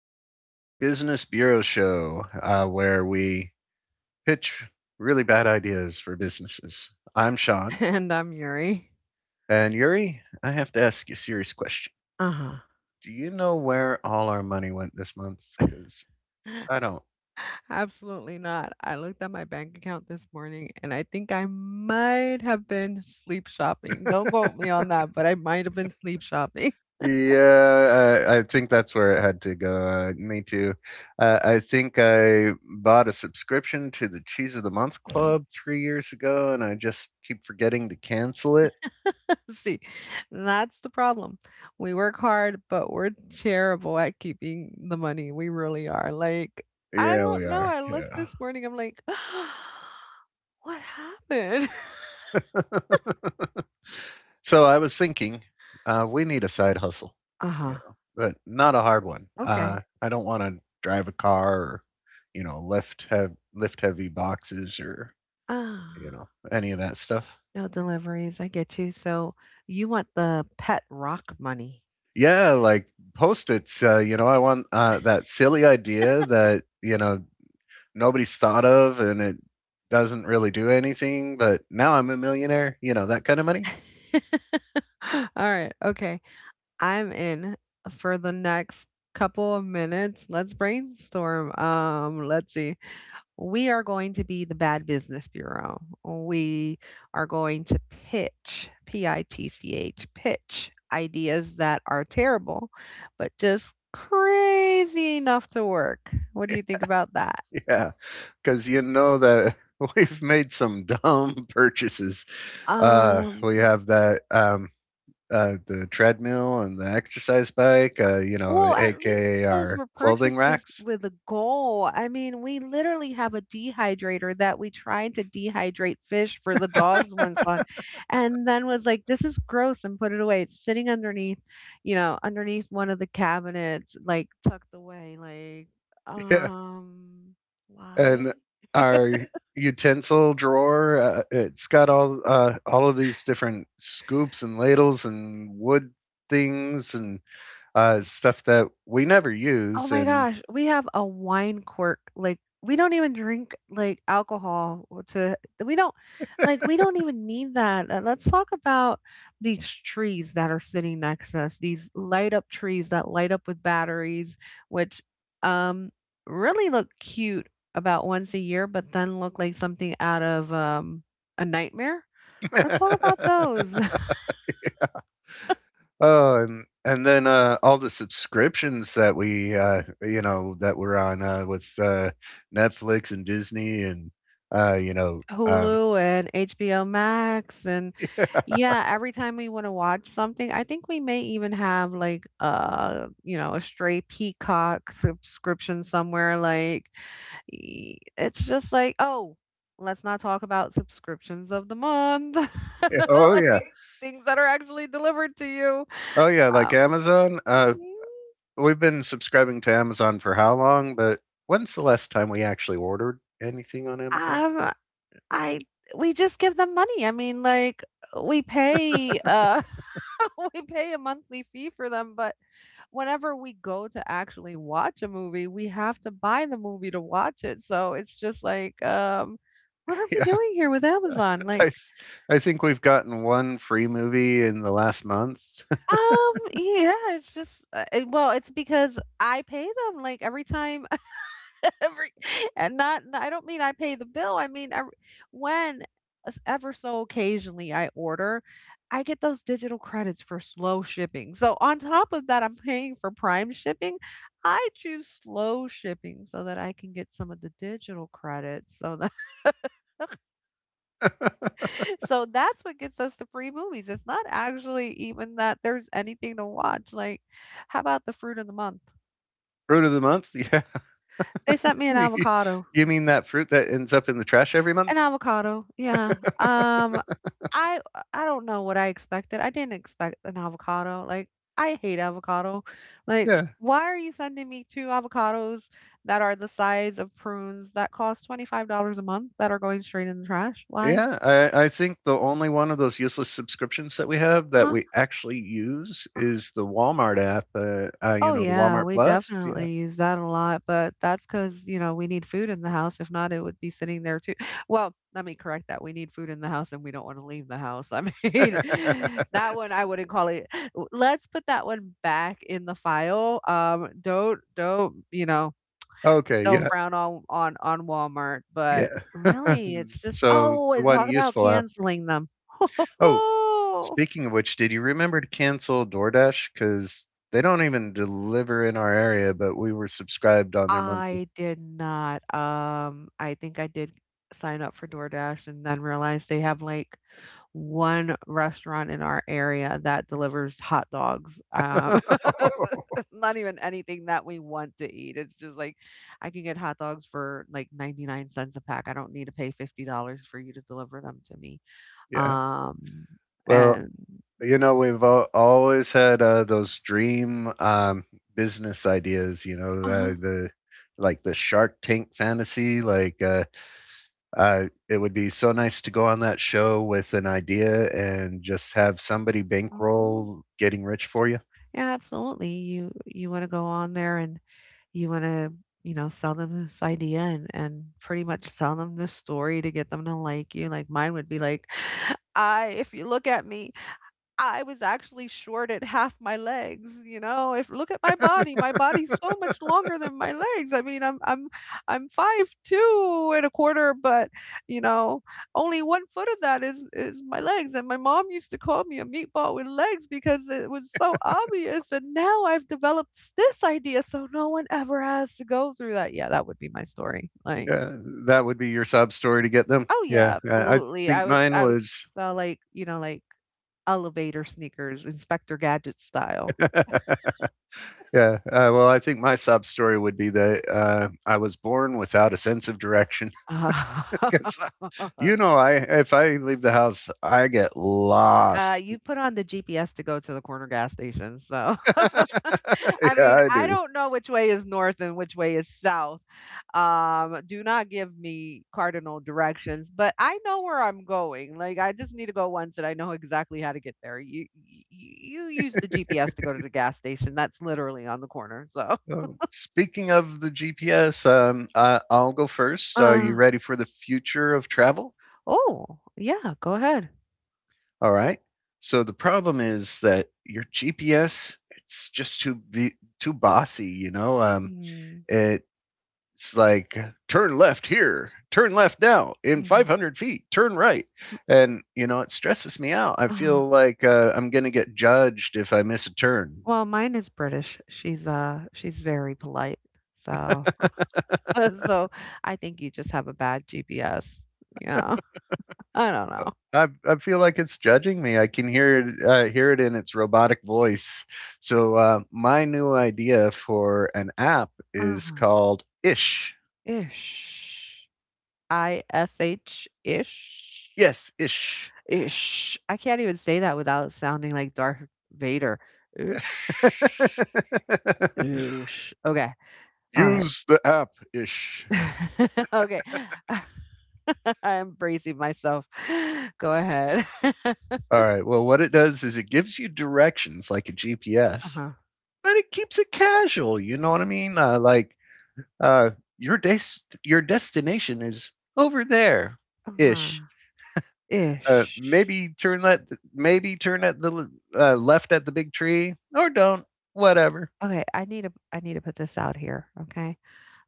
the Bad Business Bureau Show, where we pitch really bad ideas for businesses. I'm Sean. And I'm Yuri. And Yuri, I have to ask you a serious question. Uh-huh. Do you know where all our money went this month? Because I don't. Absolutely not. I looked at my bank account this morning and I think I might have been sleep shopping. Don't quote me on that, but I might have been sleep shopping. Yeah, I think that's where it had to go. Me too. I think I bought a subscription to the Cheese of the Month Club 3 years ago, and I just keep forgetting to cancel it. See, that's the problem. We work hard, but we're terrible at keeping the money. We really are. I Yeah, we don't know. are. I looked Yeah. this morning, I'm like, what happened? so I was thinking, we need a side hustle, you Uh-huh. know, but not a hard one. Okay. I don't want to drive a car or, lift heavy boxes or Ah. Any of that stuff. No deliveries, I get you. So you want the pet rock money. Yeah, like post its. You know, I want that silly idea that you know nobody's thought of and it doesn't really do anything, but now I'm a millionaire. You know, that kind of money. All right, okay. I'm in for the next couple of minutes. Let's brainstorm. Let's see. We are going to be the Bad Business Bureau. We are going to pitch, P I T C H, pitch ideas that are terrible, but just crazy enough to work. What do you think about that? Yeah, because you know that we've made some dumb purchases. We Um, have that the treadmill and the exercise bike, you know, Well, at least aka those our were clothing purchases racks. with a goal. I mean, we literally have a dehydrator that we tried to dehydrate fish for the dogs once on, and then was like, "This is gross," and put it away. It's sitting underneath, you know, underneath one of the cabinets, like tucked away. Yeah, um, why? and our utensil drawer. It's got all of these different scoops and ladles and wood things and stuff that we never Oh use. my And gosh, we have a wine quirk, like, we don't even drink, like, alcohol w to we don't like, we don't even need that, let's talk about these trees that are sitting next to us, these light up trees that light up with batteries, which, um, really look cute about once a year, but then look like something out of, a nightmare. Let's talk about those. oh, and then, all the subscriptions that we, you know, that we're on, with Netflix and Disney and, uh, you know, um Hulu and HBO Max and yeah, every time we want to watch something, I think we may even have like you know, a stray Peacock subscription somewhere it's just like, oh, let's not talk about subscriptions of the month. oh, yeah. Like things that are actually delivered to you. Oh, yeah, like Um, Amazon, mhm. we've been subscribing to Amazon for how long, but when's the last time we actually ordered anything on Amazon? um I We just give them money. We pay we pay a monthly fee for them, but whenever we go to actually watch a movie, we have to buy the movie to watch it. So it's just like, what are we Yeah, doing here with Amazon? I Like, th I think we've gotten 1 free movie in the last month. Yeah, it's just, well, it's because I pay them. Like every time every and not I I don't mean I pay the bill, I mean, ever when s ever so occasionally I order, I get those digital credits for slow shipping, so on top of that, I'm paying for Prime shipping, I choose slow shipping so that I can get some of the digital credits, so that so that's what gets us the free movies, it's not actually even that there's anything to watch, like, how about the fruit of the month? Fruit of the month? Yeah. They sent me an avocado. You mean that fruit that ends up in the trash every An month? avocado, yeah. I I don't know what I expected. I didn't expect an avocado. Like, I hate avocado. Like, Yeah. why are you sending me 2 avocados that are the size of prunes that cost $25 a month that are going straight in the trash? Why? Yeah, I think the only one of those useless subscriptions that we have that Huh? we actually use is the Walmart app, you Oh, know, the yeah, Walmart we Plus, yeah. definitely use that a lot, but that's 'cause, you know, we need food in the house. If not, it would be sitting there too. Well, let me correct that. We need food in the house and we don't wanna leave the house. I mean, that one I wouldn't call it w let's put that one back in the file. Don't you know, Okay, don't yeah, frown on on Walmart, but yeah. really, it's just So, oh, the and one talk about useful app, canceling them. oh, speaking of which, did you remember to cancel DoorDash? Because they don't even deliver in our area, but we were subscribed on their monthly. I did not, I think I did sign up for DoorDash and then realized they have, like, 1 restaurant in our area that delivers hot dogs, not even anything that we want to eat, it's just, like, I can get hot dogs for, like, 99 cents¢ a pack, I don't need to pay $50 for you to deliver them to me, Yeah. um, Well, and you know, we've always had those dream business ideas. You know, Uh-huh, the like the Shark Tank fantasy. It would be so nice to go on that show with an idea and just have somebody mhm. bankroll getting rich for you. Yeah, absolutely. You want to go on there and you want to, you know, sell them this idea and pretty much sell them this story to get them to like you. Like mine would be like, "I If you look at me, I was actually shorted half my legs, you know? If look at my body, my body's so much longer than my legs. I'm 5 two and a quarter, but you know, only 1 foot of that is my legs. And my mom used to call me a meatball with legs because it was so obvious. And now I've developed this idea so no one ever has to go through that. Yeah, that would be my story. Like, Yeah, that would be your sob story to get them. oh Yeah, yeah, I absolutely. Think mine I would was. sell like, you know, like Elevator sneakers, Inspector Gadget style. yeah, I think my sob story would be that I was born without a sense of direction. Uh, because you know, I if I leave the house I get lost. you put on the GPS to go to the corner gas station, so I yeah, mean, I I do. don't know which way is north and which way is south. Do not give me cardinal directions, but I know where I'm going. Like, I just need to go once, and I know exactly how to get there. You use the GPS to go to the gas station. That's literally on the corner. So, Oh, speaking of the GPS, I'll go first. Are you uh, ready for the future of travel? oh yeah, go ahead. All right. So the problem is that your GPS, it's too bossy. You know, Mm, it it's like turn left here, turn left now, in 500 feet turn right, and you know, it stresses me out. I mhm. feel like I'm going to get judged if I miss a turn. Well, mine is British. She's very polite, so so I think you just have a bad GPS. Yeah, I don't Uh, know. I feel like it's judging me. I can hear it in its robotic voice. So my new idea for an app uh is called Ish. Ish. ish, ish? Yes, Ish. Ish. I can't even say that without sounding like Darth Vader. Ish. Ish. Okay. Alright. Use the app Ish. Okay. I'm bracing myself. Go ahead. All right. Well, what it does is it gives you directions like a GPS, Uh-huh. but it keeps it casual. You know what I mean? Uh, your your destination is over there, ish. Uh-huh. Ish. Maybe turn that maybe turn at the left at the big tree, or don't. Whatever. Okay, I need to put this out here, okay?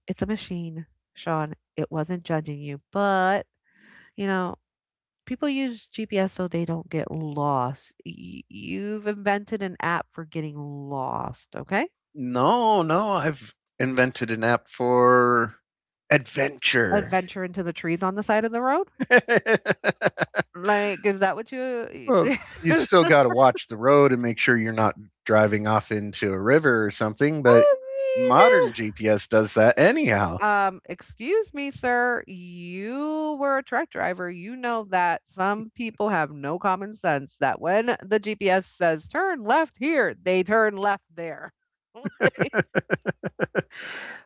It's a machine, Sean. It wasn't judging you, but, you know, people use GPS so they don't get lost. You've invented an app for getting lost, okay? No, no, I've invented an app for adventure. Adventure into the trees on the side of the road? Like, is that what you well, you still got to watch the road and make sure you're not driving off into a river or something, but I modern mean GPS does that anyhow. Excuse me, sir, you were a truck driver. You know that some people have no common sense that when the GPS says turn left here, they turn left there. Like,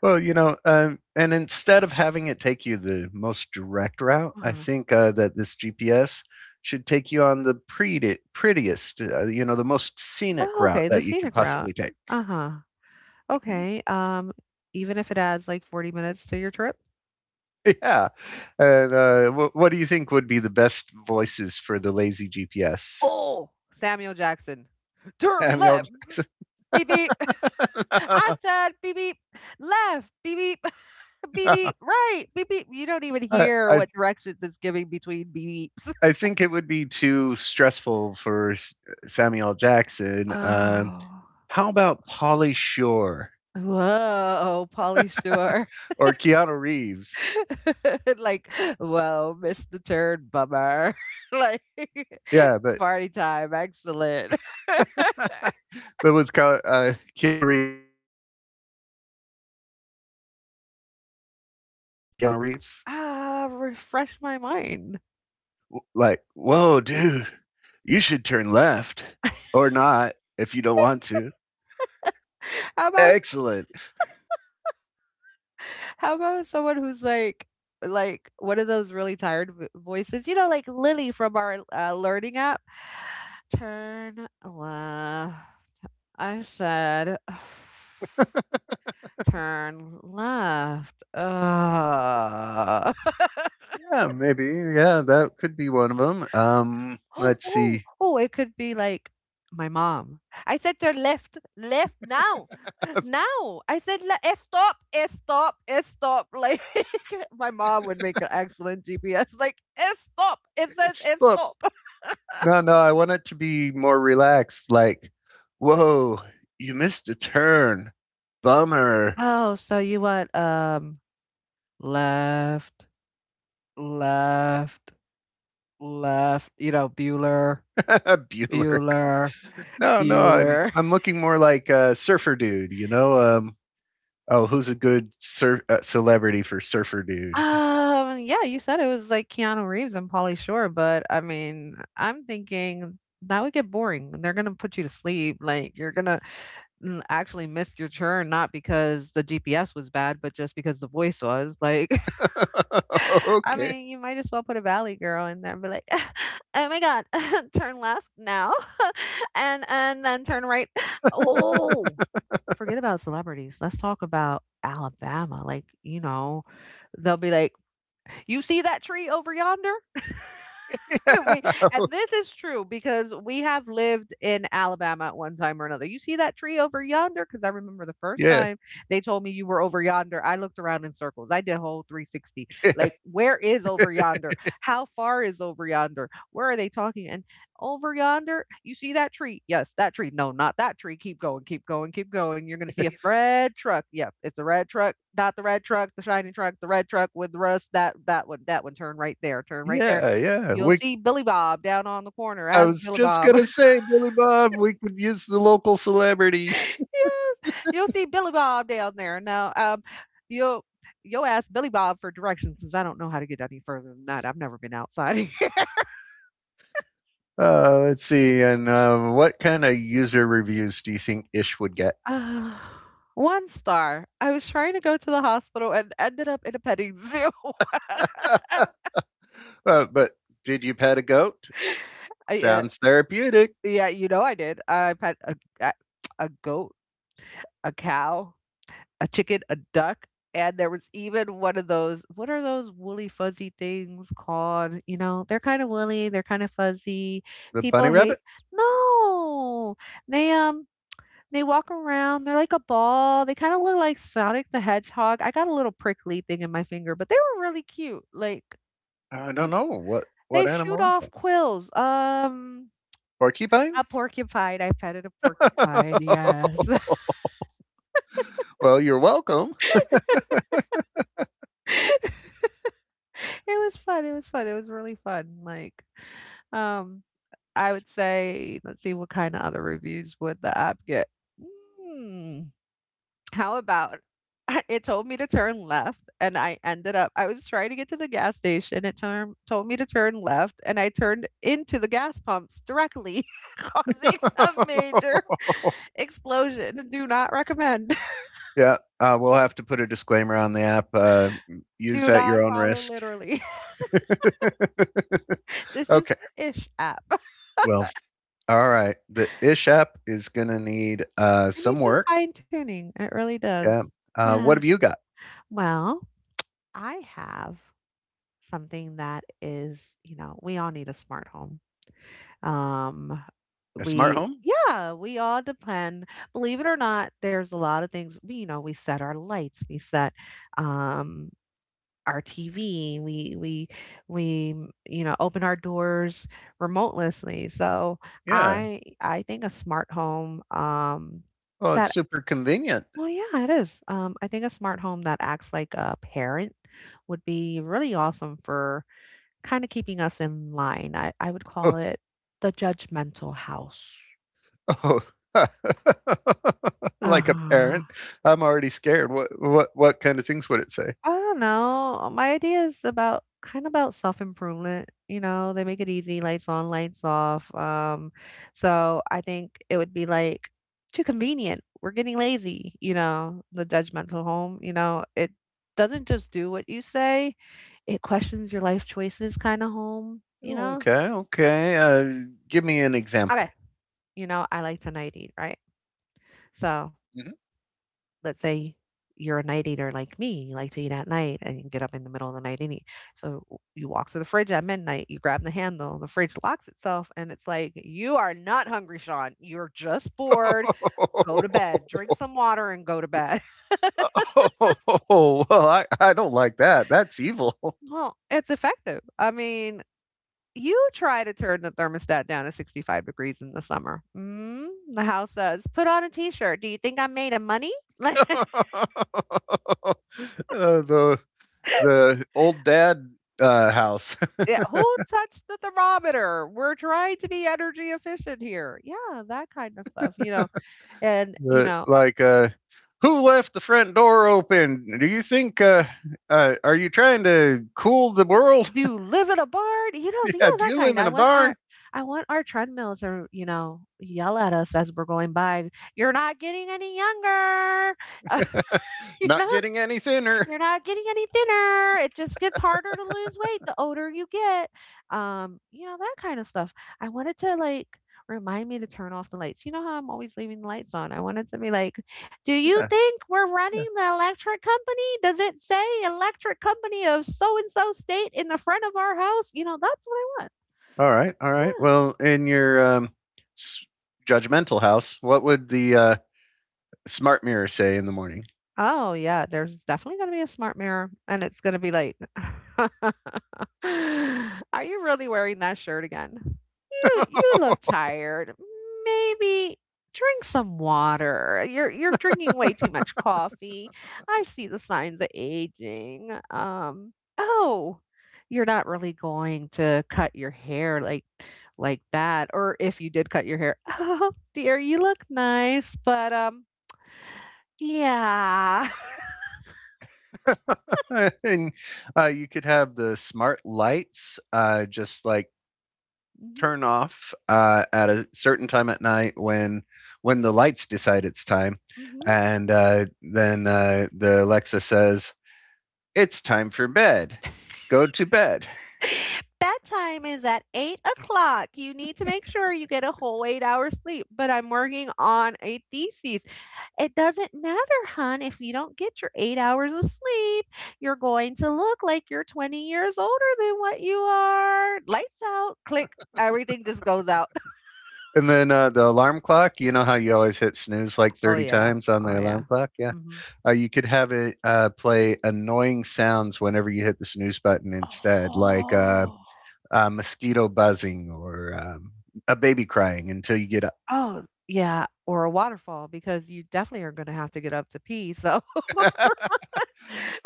Well, you know, and instead of having it take you the most direct route, I Uh-huh. think that this GPS should take you on prettiest, you know, the most scenic Oh, route okay, the that you could scenic route. possibly take. Uh-huh. Okay. Even if it adds like 40 minutes to your trip. yeah. And what do you think would be the best voices for the lazy GPS? Oh, Samuel Jackson. Turn Samuel left. Jackson. Beep beep. I said beep beep. Left. Beep beep. Beep No, beep, right, beep beep. You don't even I, hear I what directions it's giving between beeps. I think it would be too stressful for Samuel Jackson. Oh. How about Polly Shore? Whoa, Pauly Shore. Or Keanu Reeves. Like, "Whoa, missed the turn, bummer." Like, Yeah, but, "Party time, excellent." but what's called Keanu Reeves, like the Bill and Ted Excellent Adventure, that Keanu Reeves? Ah, refresh my mind. Like, whoa, dude, you should turn left, or not if you don't want to. How about Excellent. how about someone who's like one of those really tired v voices, you know, like Lily from our, learning app? "Turn left." I said, "Turn left." Yeah, maybe. Yeah, that could be one of them. Let's Oh, see. oh, it could be like my mom. I said, "Turn left, left now, now." I said, "Le- eh, "Stop, eh, stop, eh, stop." Like my mom would make an excellent GPS. Like, eh, "Stop." It says, "Eh, Look, stop." no, no, I want it to be more relaxed. Like, whoa, you missed a turn. Bummer. Oh, so you want left, left, left? You know, Bueller, Bueller. Bueller. No, no, I'm Bueller. I'm looking more like a surfer dude, you know. Oh, who's a good celebrity for surfer dude? Yeah, you said it was like Keanu Reeves and Pauly Shore, but I mean, I'm thinking that would get boring. They're gonna put you to sleep. Like you're gonna mm, actually miss your turn, not because the GPS was bad, but just because the voice was. Like, I okay, mean, you might as well put a Valley Girl in there and be like, "Oh my God, turn left now, and then turn right." Oh, forget about celebrities. Let's talk about Alabama. Like, you know, they'll be like you see that tree over yonder? we and this is true because we have lived in Alabama at one time or another. You see that tree over yonder? Because I remember the yeah, first yeah, time they told me you were over yonder. I looked around in circles. I did a whole 360. Like, where is over yonder? How far is over yonder? Where are they talking? And over yonder, you see that tree? Yes, that tree. No, not that tree. Keep going, keep going, keep going. You're gonna see a red truck. Yep, it's a red truck. Not the red truck, the shiny truck, the red truck with rust. That that one. Turn right there. yeah, yeah. You'll We, see Billy Bob down on the corner. I Ask was Billy just Bob. gonna say, Billy Bob, we could use the local celebrity. Yes, you'll see Billy Bob down there. Now, you'll you'll ask Billy Bob for directions because I don't know how to get any further than that. I've never been outside. Let's see, and what kind of user reviews do you think Ish would get? Uh, one star. I was trying to go to the hospital and ended up in a petting zoo. But did you pet a goat? I, uh, Sounds therapeutic. yeah, you know I did. I pet a a goat, a cow. A chicken, a duck, and there was even one of those, what are those woolly fuzzy things called? You know, they're kind of woolly, they're kind of fuzzy. The People bunny hate. rabbit? No! They they walk around, they're like a ball, they kind of look like Sonic the Hedgehog. I got a little prickly thing in my finger, but they were really cute, like. I Yeah, don't know they what shoot animal is off that. quills. A Porcupines? porcupine, I petted a porcupine, yes. well, you're welcome. It was fun, it was fun, it was really fun, like, um, I would say, let's see, what kinda other reviews would the app get? Mm, how about it told me to turn left, and I ended up, I was trying to get to the gas station, it turn told me to turn left, and I turned into the gas pumps directly, causing a major explosion. Do not recommend. yeah, we'll have to put a disclaimer on the app. Use Do at not your own follow risk. literally. This is okay. the Ish app. Well, all right. The Ish app is going to need I some need some work. fine tuning. It really Yeah. does. Yeah. What have you got? Well, I have something that is, you know, we all need a smart home. Um, A smart we, home? yeah, we all depend. Believe it or not, there's a lot of things we, you know, we set our lights, we set, um, our TV, we you know, open our doors remotelessly. So Yeah. I think a smart home, Oh, it's that. super convenient. Well, yeah, it is. I think a smart home that acts like a parent would be really awesome for kind of keeping us in line. I would Oh, call it the judgmental house. oh. Uh like a huh. parent, I'm already scared. What what kind of things would it say? I don't know. My idea is about kind of about self-improvement, you know, they make it easy, lights on, lights off. So I think it would be like too convenient. We're getting lazy, you know, the judgmental home, you know, it doesn't just do what you say, it questions your life choices kind of home, you know? Okay, okay. Give me an example. Okay. You know, I like to night eat, right? So Mhm. let's say you're a night eater like me, you like to eat at night and you get up in the middle of the night and eat. So you walk to the fridge at midnight, you grab the handle, the fridge locks itself, and it's like, you are not hungry, Sean. You're just bored. Go to bed, drink some water, and go to bed. Oh, well, I don't like that. That's evil. Well, it's effective. I mean, you try to turn the thermostat down to 65 degrees in the summer. Mm, the house says, put on a t shirt. Do you think I'm made of money? Like, Uh, the the old dad house. yeah, who touched the thermometer? We're trying to be energy efficient here. Yeah, that kind of stuff, you know. And you the know, like who left the front door open? Do you think are you trying to cool the world? do you live in a barn? You know, yeah, yeah, do that you live kind. in a barn? I want our treadmills to, you know, yell at us as we're going by. You're not getting any younger, you know. Not getting any thinner. You're not getting any thinner. It just gets harder to lose weight the older you get. You know, that kind of stuff. I wanted to like remind me to turn off the lights. You know how I'm always leaving the lights on? I wanted to be like, do you Yeah. think we're running the electric company? Does it say electric company of so and so state in the front of our house? You know, that's what I want. All right, all right. Yeah. Well, in your s- judgmental house, what would the smart mirror say in the morning? Oh, yeah, there's definitely gonna be a smart mirror, and it's gonna be like, "Are you really wearing that shirt again? You look tired. Maybe drink some water. You're drinking way too much coffee. I see the signs of aging. Oh, you're not really going to cut your hair like that. Or if you did cut your hair, oh dear, you look nice, but yeah." and you could have the smart lights just like turn off at a certain time at night, when the lights decide it's time, hmm. and then the Alexa says it's time for bed. Go to bed. Bedtime is at 8 o'clock. You need to make sure you get a whole 8 hours sleep. But I'm working on a thesis. It doesn't matter, hun, if you don't get your 8 hours of sleep. You're going to look like you're 20 years older than what you are. Lights out, click, everything just goes out. and then the alarm clock. You know how you always hit snooze like Oh 30 yeah. times on Oh the alarm yeah. clock, yeah? Hmm. You could have it play annoying sounds whenever you hit the snooze button instead, like Oh. Mosquito buzzing, or a baby crying until you get up. Oh yeah. Or a waterfall because you definitely are going to have to get up to pee. So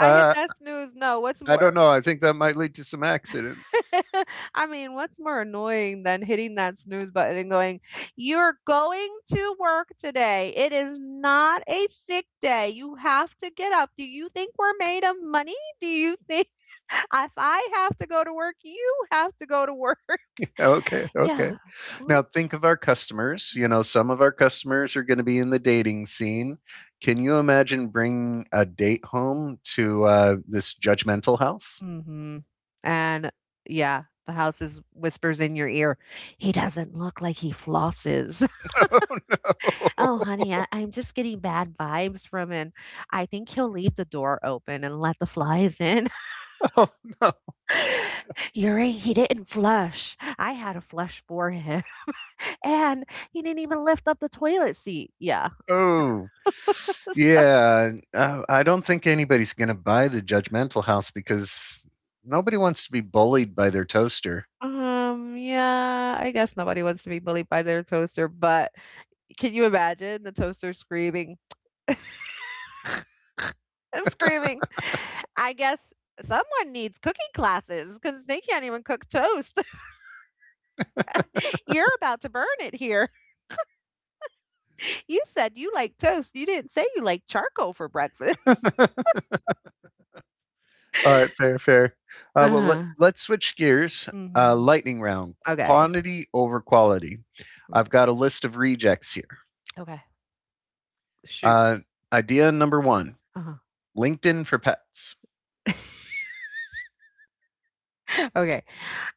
hit uh, that snooze. No, what's I don't more know. I think that might lead to some accidents. I mean, what's more annoying than hitting that snooze button and going, "You're going to work today. It is not a sick day. You have to get up. Do you think we're made of money? Do you think if I have to go to work, you have to go to work?" Okay, okay. Yeah. Now Mm. think of our customers. You know, some of our customers are going to be in the dating scene. Can you imagine bringing a date home to this judgmental house? Mhm. And yeah, the house is whispers in your ear, "He doesn't look like he flosses." Oh, honey, I'm just getting bad vibes from him. I think he'll leave the door open and let the flies in. oh, no. You're right, he didn't flush. I had a flush for him. And he didn't even lift up the toilet seat. Yeah. Oh. Yeah, I don't think anybody's going to buy the judgmental house because nobody wants to be bullied by their toaster. Yeah, I guess nobody wants to be bullied by their toaster, but can you imagine the toaster screaming? Screaming. I guess someone needs cooking classes because they can't even cook toast. You're about to burn it here. You said you like toast. You didn't say you like charcoal for breakfast. All right, fair, fair. Well, Uh-huh. let's switch gears. Mhm. Lightning round, Okay. quantity over quality. Mm. I've got a list of rejects here. Okay. Shoot. Uh, idea number one, Uh-huh. LinkedIn for pets. Okay.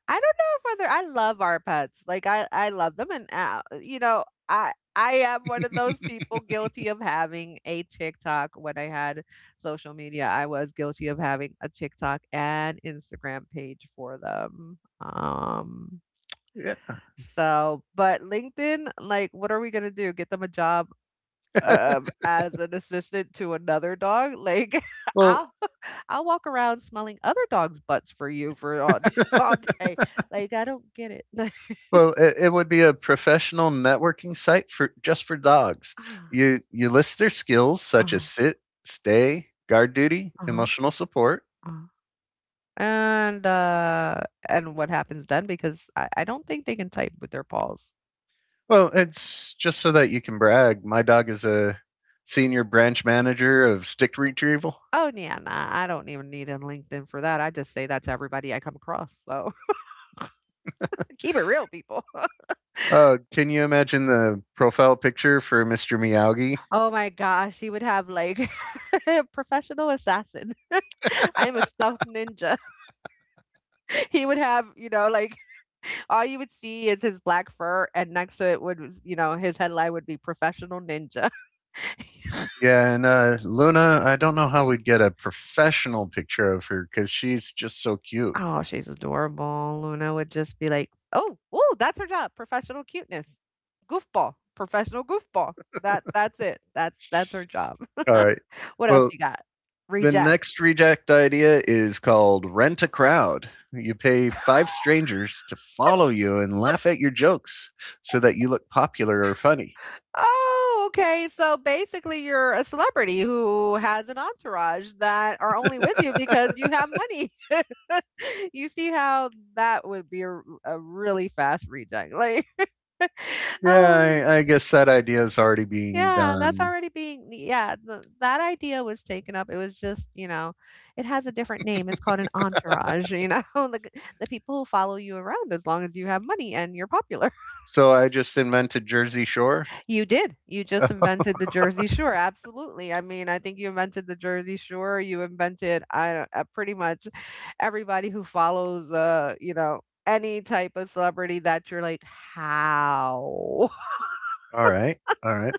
I don't know if whether I love our pets. Like I love them, and you know, I am one of those people guilty of having a TikTok. When I had social media, I was guilty of having a TikTok and Instagram page for them. Yeah. So, but LinkedIn, like, what are we gonna do? Get them a job as an assistant to another dog? Like, well, I'll I'll walk around smelling other dogs' butts for you for all, all day. Like, I don't get it. Well, it would be a professional networking site for just for dogs. Ah, You list their skills, such as uh-huh, sit, stay, guard duty, uh-huh, emotional support. uh-huh. And uh, and what happens then? Because I don't think they can type with their paws. Well, it's just so that you can brag. My dog is a senior branch manager of stick retrieval. Oh yeah, nah, I don't even need a LinkedIn for that. I just say that to everybody I come across. So keep it real, people. Can you imagine the profile picture for Mr. Miyagi? Oh my gosh, she would have like professional assassin. I'm a stealth ninja. He would have, you know, like all you would see is his black fur, and next to it would, was, you know, his headline would be professional ninja. Yeah, and Luna, I don't know how we'd get a professional picture of her because she's just so cute. Oh, she's adorable. Luna would just be like, oh, oh, that's her job, professional cuteness, goofball, professional goofball. That that's it. That's her job. All right. What else Well, you got? the Reject. next reject idea is called Rent a Crowd. You pay five strangers to follow you and laugh at your jokes so that you look popular or funny. Oh, okay. So basically, you're a celebrity who has an entourage that are only with you because you have money. You see how that would be a, a really fast reject. Like, oh, Yeah, I guess that idea is already being yeah, that's done. already being, yeah, th that idea was taken up. It was just, you know, it has a different name. It's called an entourage, you know, the, the people who follow you around as long as you have money and you're popular. So I just invented Jersey Shore. You did. You just invented the Jersey Shore. Absolutely. I mean, I think you invented the Jersey Shore. You invented, I don't, pretty much everybody who follows you know, any type of celebrity that you're like, "How?" All right. All right.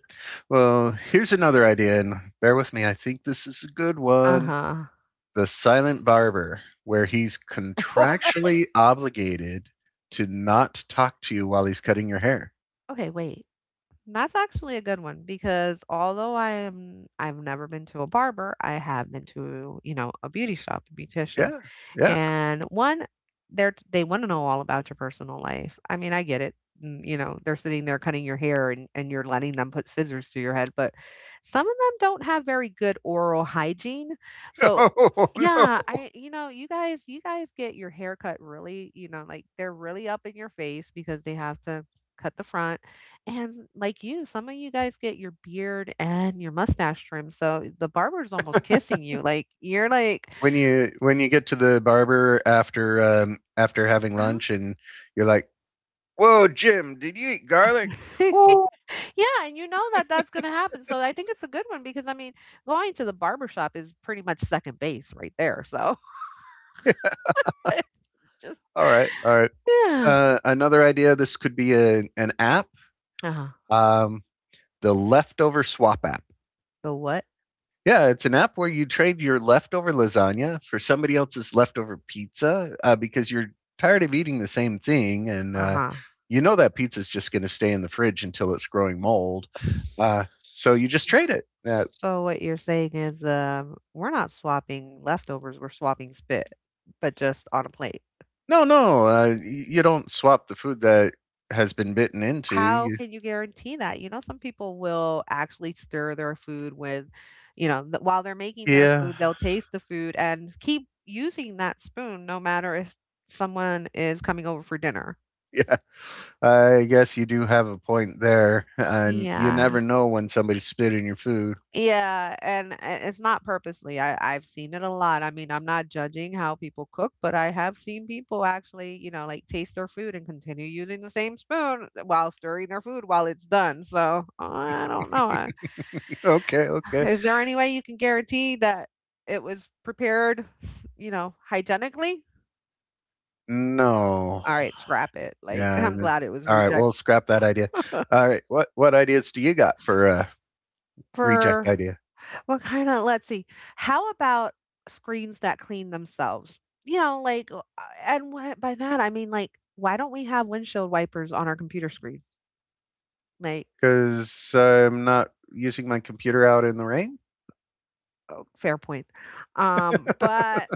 Well, here's another idea, and bear with me. I think this is a good one. Uh-huh. The Silent Barber, where he's contractually obligated to not talk to you while he's cutting your hair. Okay, wait. That's actually a good one because although I am, I've never been to a barber, I have been to, you know, a beauty shop, a beautician. Yeah. Yeah. And one, they're they want to know all about your personal life. I mean, I get it. Mm. You know, they're sitting there cutting your hair and you're letting them put scissors to your head, but some of them don't have very good oral hygiene. So, Oh no. yeah, I, you know, you guys get your hair cut really, you know, like they're really up in your face because they have to cut the front. And like you, some of you guys get your beard and your mustache trimmed. So the barber's almost kissing you. Like you're like, When you get to the barber after after having lunch and you're like, "Whoa, Jim, did you eat garlic?" Whoo. yeah, and you know that that's gonna happen, so I think it's a good one because, I mean, going to the barbershop is pretty much second base right there, so it's just All right, all right. yeah. Another idea. This could be an app. Uh-huh. Um, the leftover swap app. The what? Yeah, it's an app where you trade your leftover lasagna for somebody else's leftover pizza because you're tired of eating the same thing, and Uh-huh. you know that pizza's just going to stay in the fridge until it's growing mold. S. Uh, so you just trade it. So what you're saying is, we're not swapping leftovers, we're swapping spit, but just on a plate. No, no, y you don't swap the food that has been bitten into. How You, can you guarantee that? You know, some people will actually stir their food with, you know, while they're making their yeah, food, they'll taste the food and keep using that spoon no matter if someone is coming over for dinner. yeah, I guess you do have a point there, and you Yeah. never know when somebody's spitting your food. Yeah, and it's not purposely. I've seen it a lot. I mean, I'm not judging how people cook, but I have seen people actually, like taste their food and continue using the same spoon while stirring their food while it's done. So I don't know. Okay, okay. Is there any way you can guarantee that it was prepared, you know, hygienically? No. All right, scrap it. Like, Yeah, I'm and glad it was alright, rejected. we'll scrap that idea. Alright, what ideas do you got for a reject For idea? what kind of, let's see. How about screens that clean themselves? You know, like, and what, by that I mean, like, why don't we have windshield wipers on our computer screens? Like, Because 'cause I'm not using my computer out in the rain? oh, fair point. But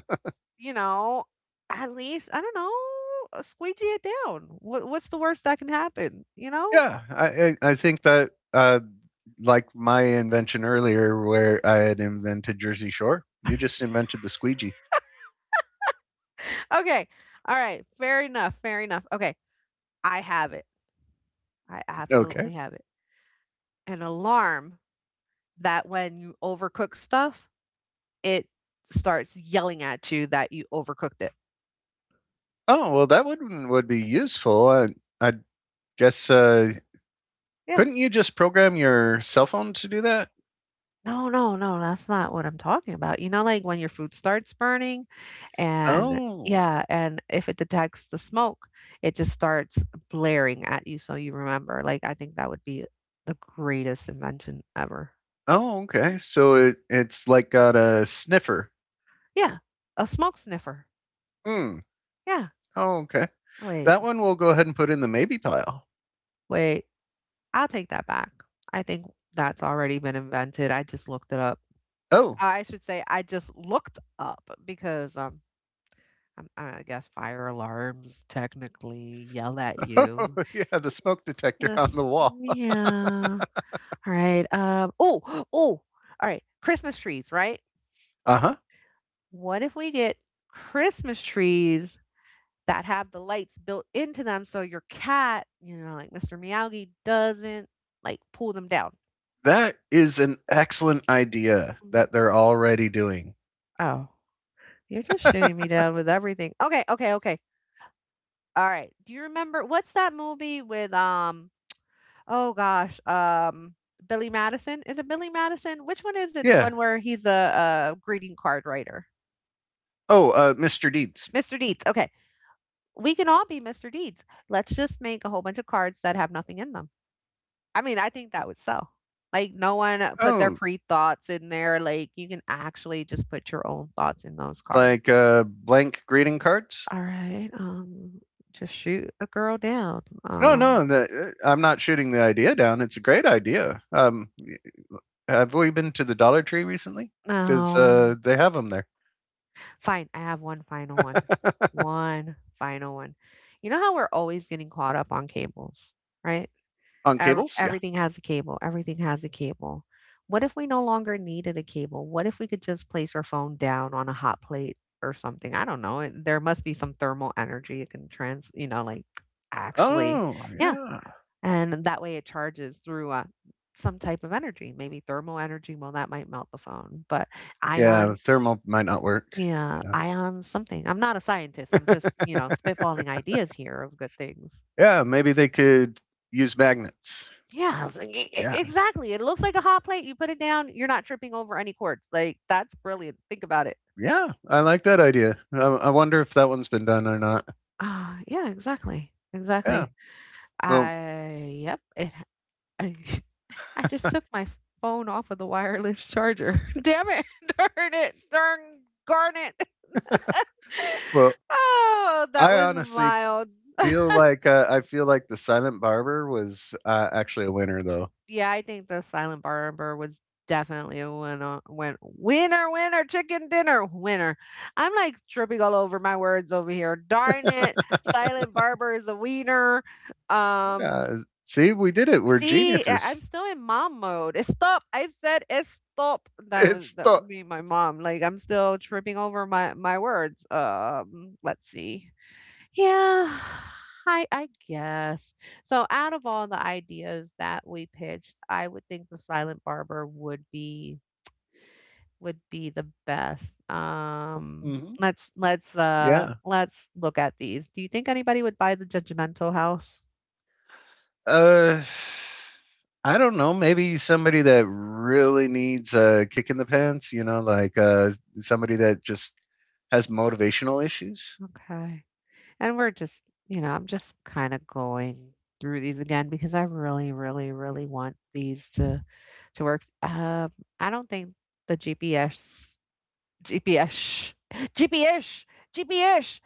you know, at least, I don't know, squeegee it down. What's the worst that can happen? You know. Yeah, I think that, like my invention earlier where I had invented Jersey Shore. You just invented the squeegee. Okay. All right. Fair enough. Fair enough. Okay. I have it. I Okay. absolutely have it. An alarm that when you overcook stuff, it starts yelling at you that you overcooked it. Oh, well, that would be useful. I guess, Yeah. couldn't you just program your cell phone to do that? No, no, no. That's not what I'm talking about. You know, like when your food starts burning, and Oh. yeah, and if it detects the smoke, it just starts blaring at you so you remember. Like, I think that would be the greatest invention ever. Oh, okay. So it, it's like got a sniffer. Yeah. A smoke sniffer. Hmm. Yeah. Oh, okay. Wait. That one we'll go ahead and put in the maybe pile. Wait, I'll take that back. I think that's already been invented. I just looked it up. Oh, I should say I just looked up because I'm, I guess, fire alarms technically yell at oh you. yeah, the smoke detector on Yes. the wall. Yeah. All right. Oh. Oh. All right. Christmas trees. Right. Uh huh. What if we get Christmas trees that have the lights built into them so your cat, you know, like Mr. Miyagi, doesn't like pull them down? That is an excellent idea Mm. that they're already doing. Oh. You're just shooting me down with everything. Okay, okay, okay. All right. Do you remember what's that movie with oh gosh, Billy Madison? Is it Billy Madison? Which one is it? The Yeah. one where he's a greeting card writer. Oh, Mr. Deeds. Mr. Deeds. Okay. We can all be Mr. Deeds. Let's just make a whole bunch of cards that have nothing in them. I mean, I think that would sell. Like no one put their Oh, pre-thoughts in there. Like you can actually just put your own thoughts in those cards. like blank greeting cards? All right. Just shoot a girl down. No, no, I'm not shooting the idea down. It's a great idea. Have we been to the Dollar Tree recently? Because No. They have them there Fine, I have one final one. One final one. You know how we're always getting caught up on cables, right? on cables. Yeah. Everything has a cable. Everything has a cable. What if we no longer needed a cable? What if we could just place our phone down on a hot plate or something? I don't know. There must be some thermal energy it can you know, like, actually. Oh, Yeah. yeah. And that way it charges through some type of energy, maybe thermal energy. Well, that might melt the phone, but Yeah, ions. thermal might not work. Yeah, Yeah. ion something. I'm not a scientist. I'm just, you know, spitballing ideas here of good things. yeah, maybe they could use magnets. Yeah, it's Yeah. exactly. It looks like a hot plate. You put it down, you're not tripping over any cords. Like, that's brilliant. Think about it. Yeah, I like that idea. I wonder if that one's been done or not. Ah, yeah, exactly. Yeah. Exactly. Well, Yep. I, I just took my phone off of the wireless charger. Damn it. Darn it. Darn garnet. well, Oh, that I was honestly mild. feel like I feel like the Silent Barber was actually a winner, though. Yeah, I think the silent barber was definitely a winner, winner, winner, chicken dinner, winner. I'm like tripping all over my words over here. Darn it. Silent barber is a wiener. Um, Yeah, see, we did it. We're See, I'm geniuses. still in mom mode. It's stop. I said it's stop. That was It's that the would be my mom. Like I'm still tripping over my words. Let's see. Yeah, I guess. So out of all the ideas that we pitched, I would think the silent barber would be the best. Mhm. Let's Yeah. let's look at these. Do you think anybody would buy the judgmental house? Uh, I don't know. Maybe somebody that really needs a kick in the pants. You know, like somebody that just has motivational issues. Okay. And we're just, you know, I'm just kind of going through these again because I really, really, really want these to work. I don't think the GPS. GPS. GPS. GPS.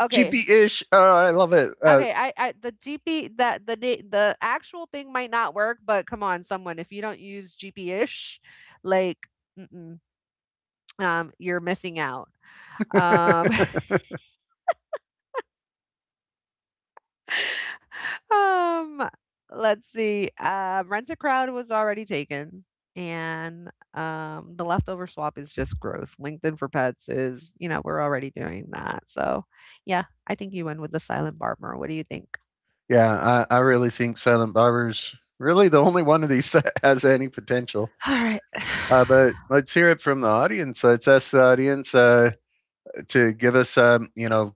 Okay. GP ish. Oh, I love it. Okay. I the GP, that the the actual thing might not work, but come on, someone, if you don't use GPS, like, mm-mm, you're missing out. Um, um, let's see. Rent a Crowd was already taken, and the leftover swap is just gross. LinkedIn for pets is, you know, we're already doing that. So yeah, I think you went with the silent barber. What do you think? yeah, I really think Silent Barber's really the only one of these that has any potential. Alright. But let's hear it from the audience. Let's ask the audience to give us, you know,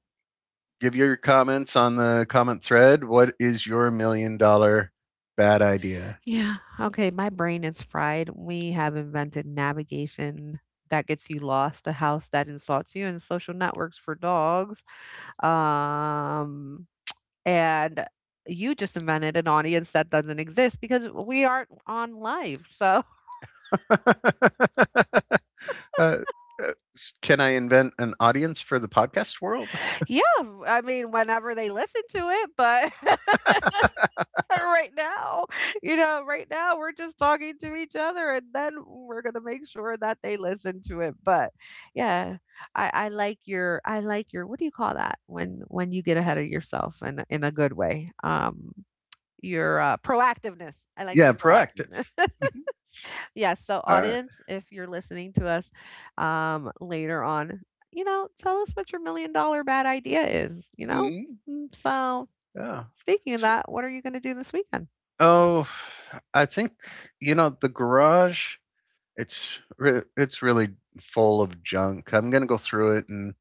give your comments on the comment thread. What is your $1 million bad idea? Yeah, okay, my brain is fried. We have invented navigation that gets you lost, a house that insults you, and social networks for dogs. Um, and you just invented an audience that doesn't exist because we aren't on live. So, uh, can I invent an audience for the podcast world? yeah, I mean, whenever they listen to it, but right now. You know, right now we're just talking to each other and then we're going to make sure that they listen to it. But yeah, I like your, I like your, what do you call that when you get ahead of yourself in in a good way? Your proactiveness. I like Yeah, your proactive. proactiveness. Yes. So, All right. audience, if you're listening to us later on, you know, tell us what your million-dollar bad idea is, you know? Mm-hmm. Mm. So, Yeah. speaking of So, that, what are you going to do this weekend? oh, I think you know the garage. It's it's really full of junk. I'm gonna go through it and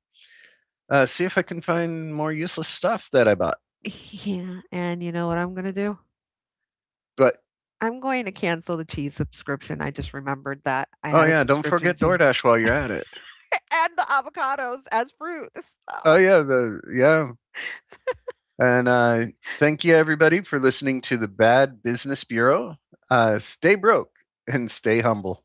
See if I can find more useless stuff that I bought. Yeah. And you know what I'm going to do? But I'm going to cancel the cheese subscription. I just remembered that I oh had a yeah, don't subscription forget to DoorDash while you're at it. and the avocados as fruit, Oh so yeah, the yeah, and thank you everybody for listening to the Bad Business Bureau. Stay broke and stay humble.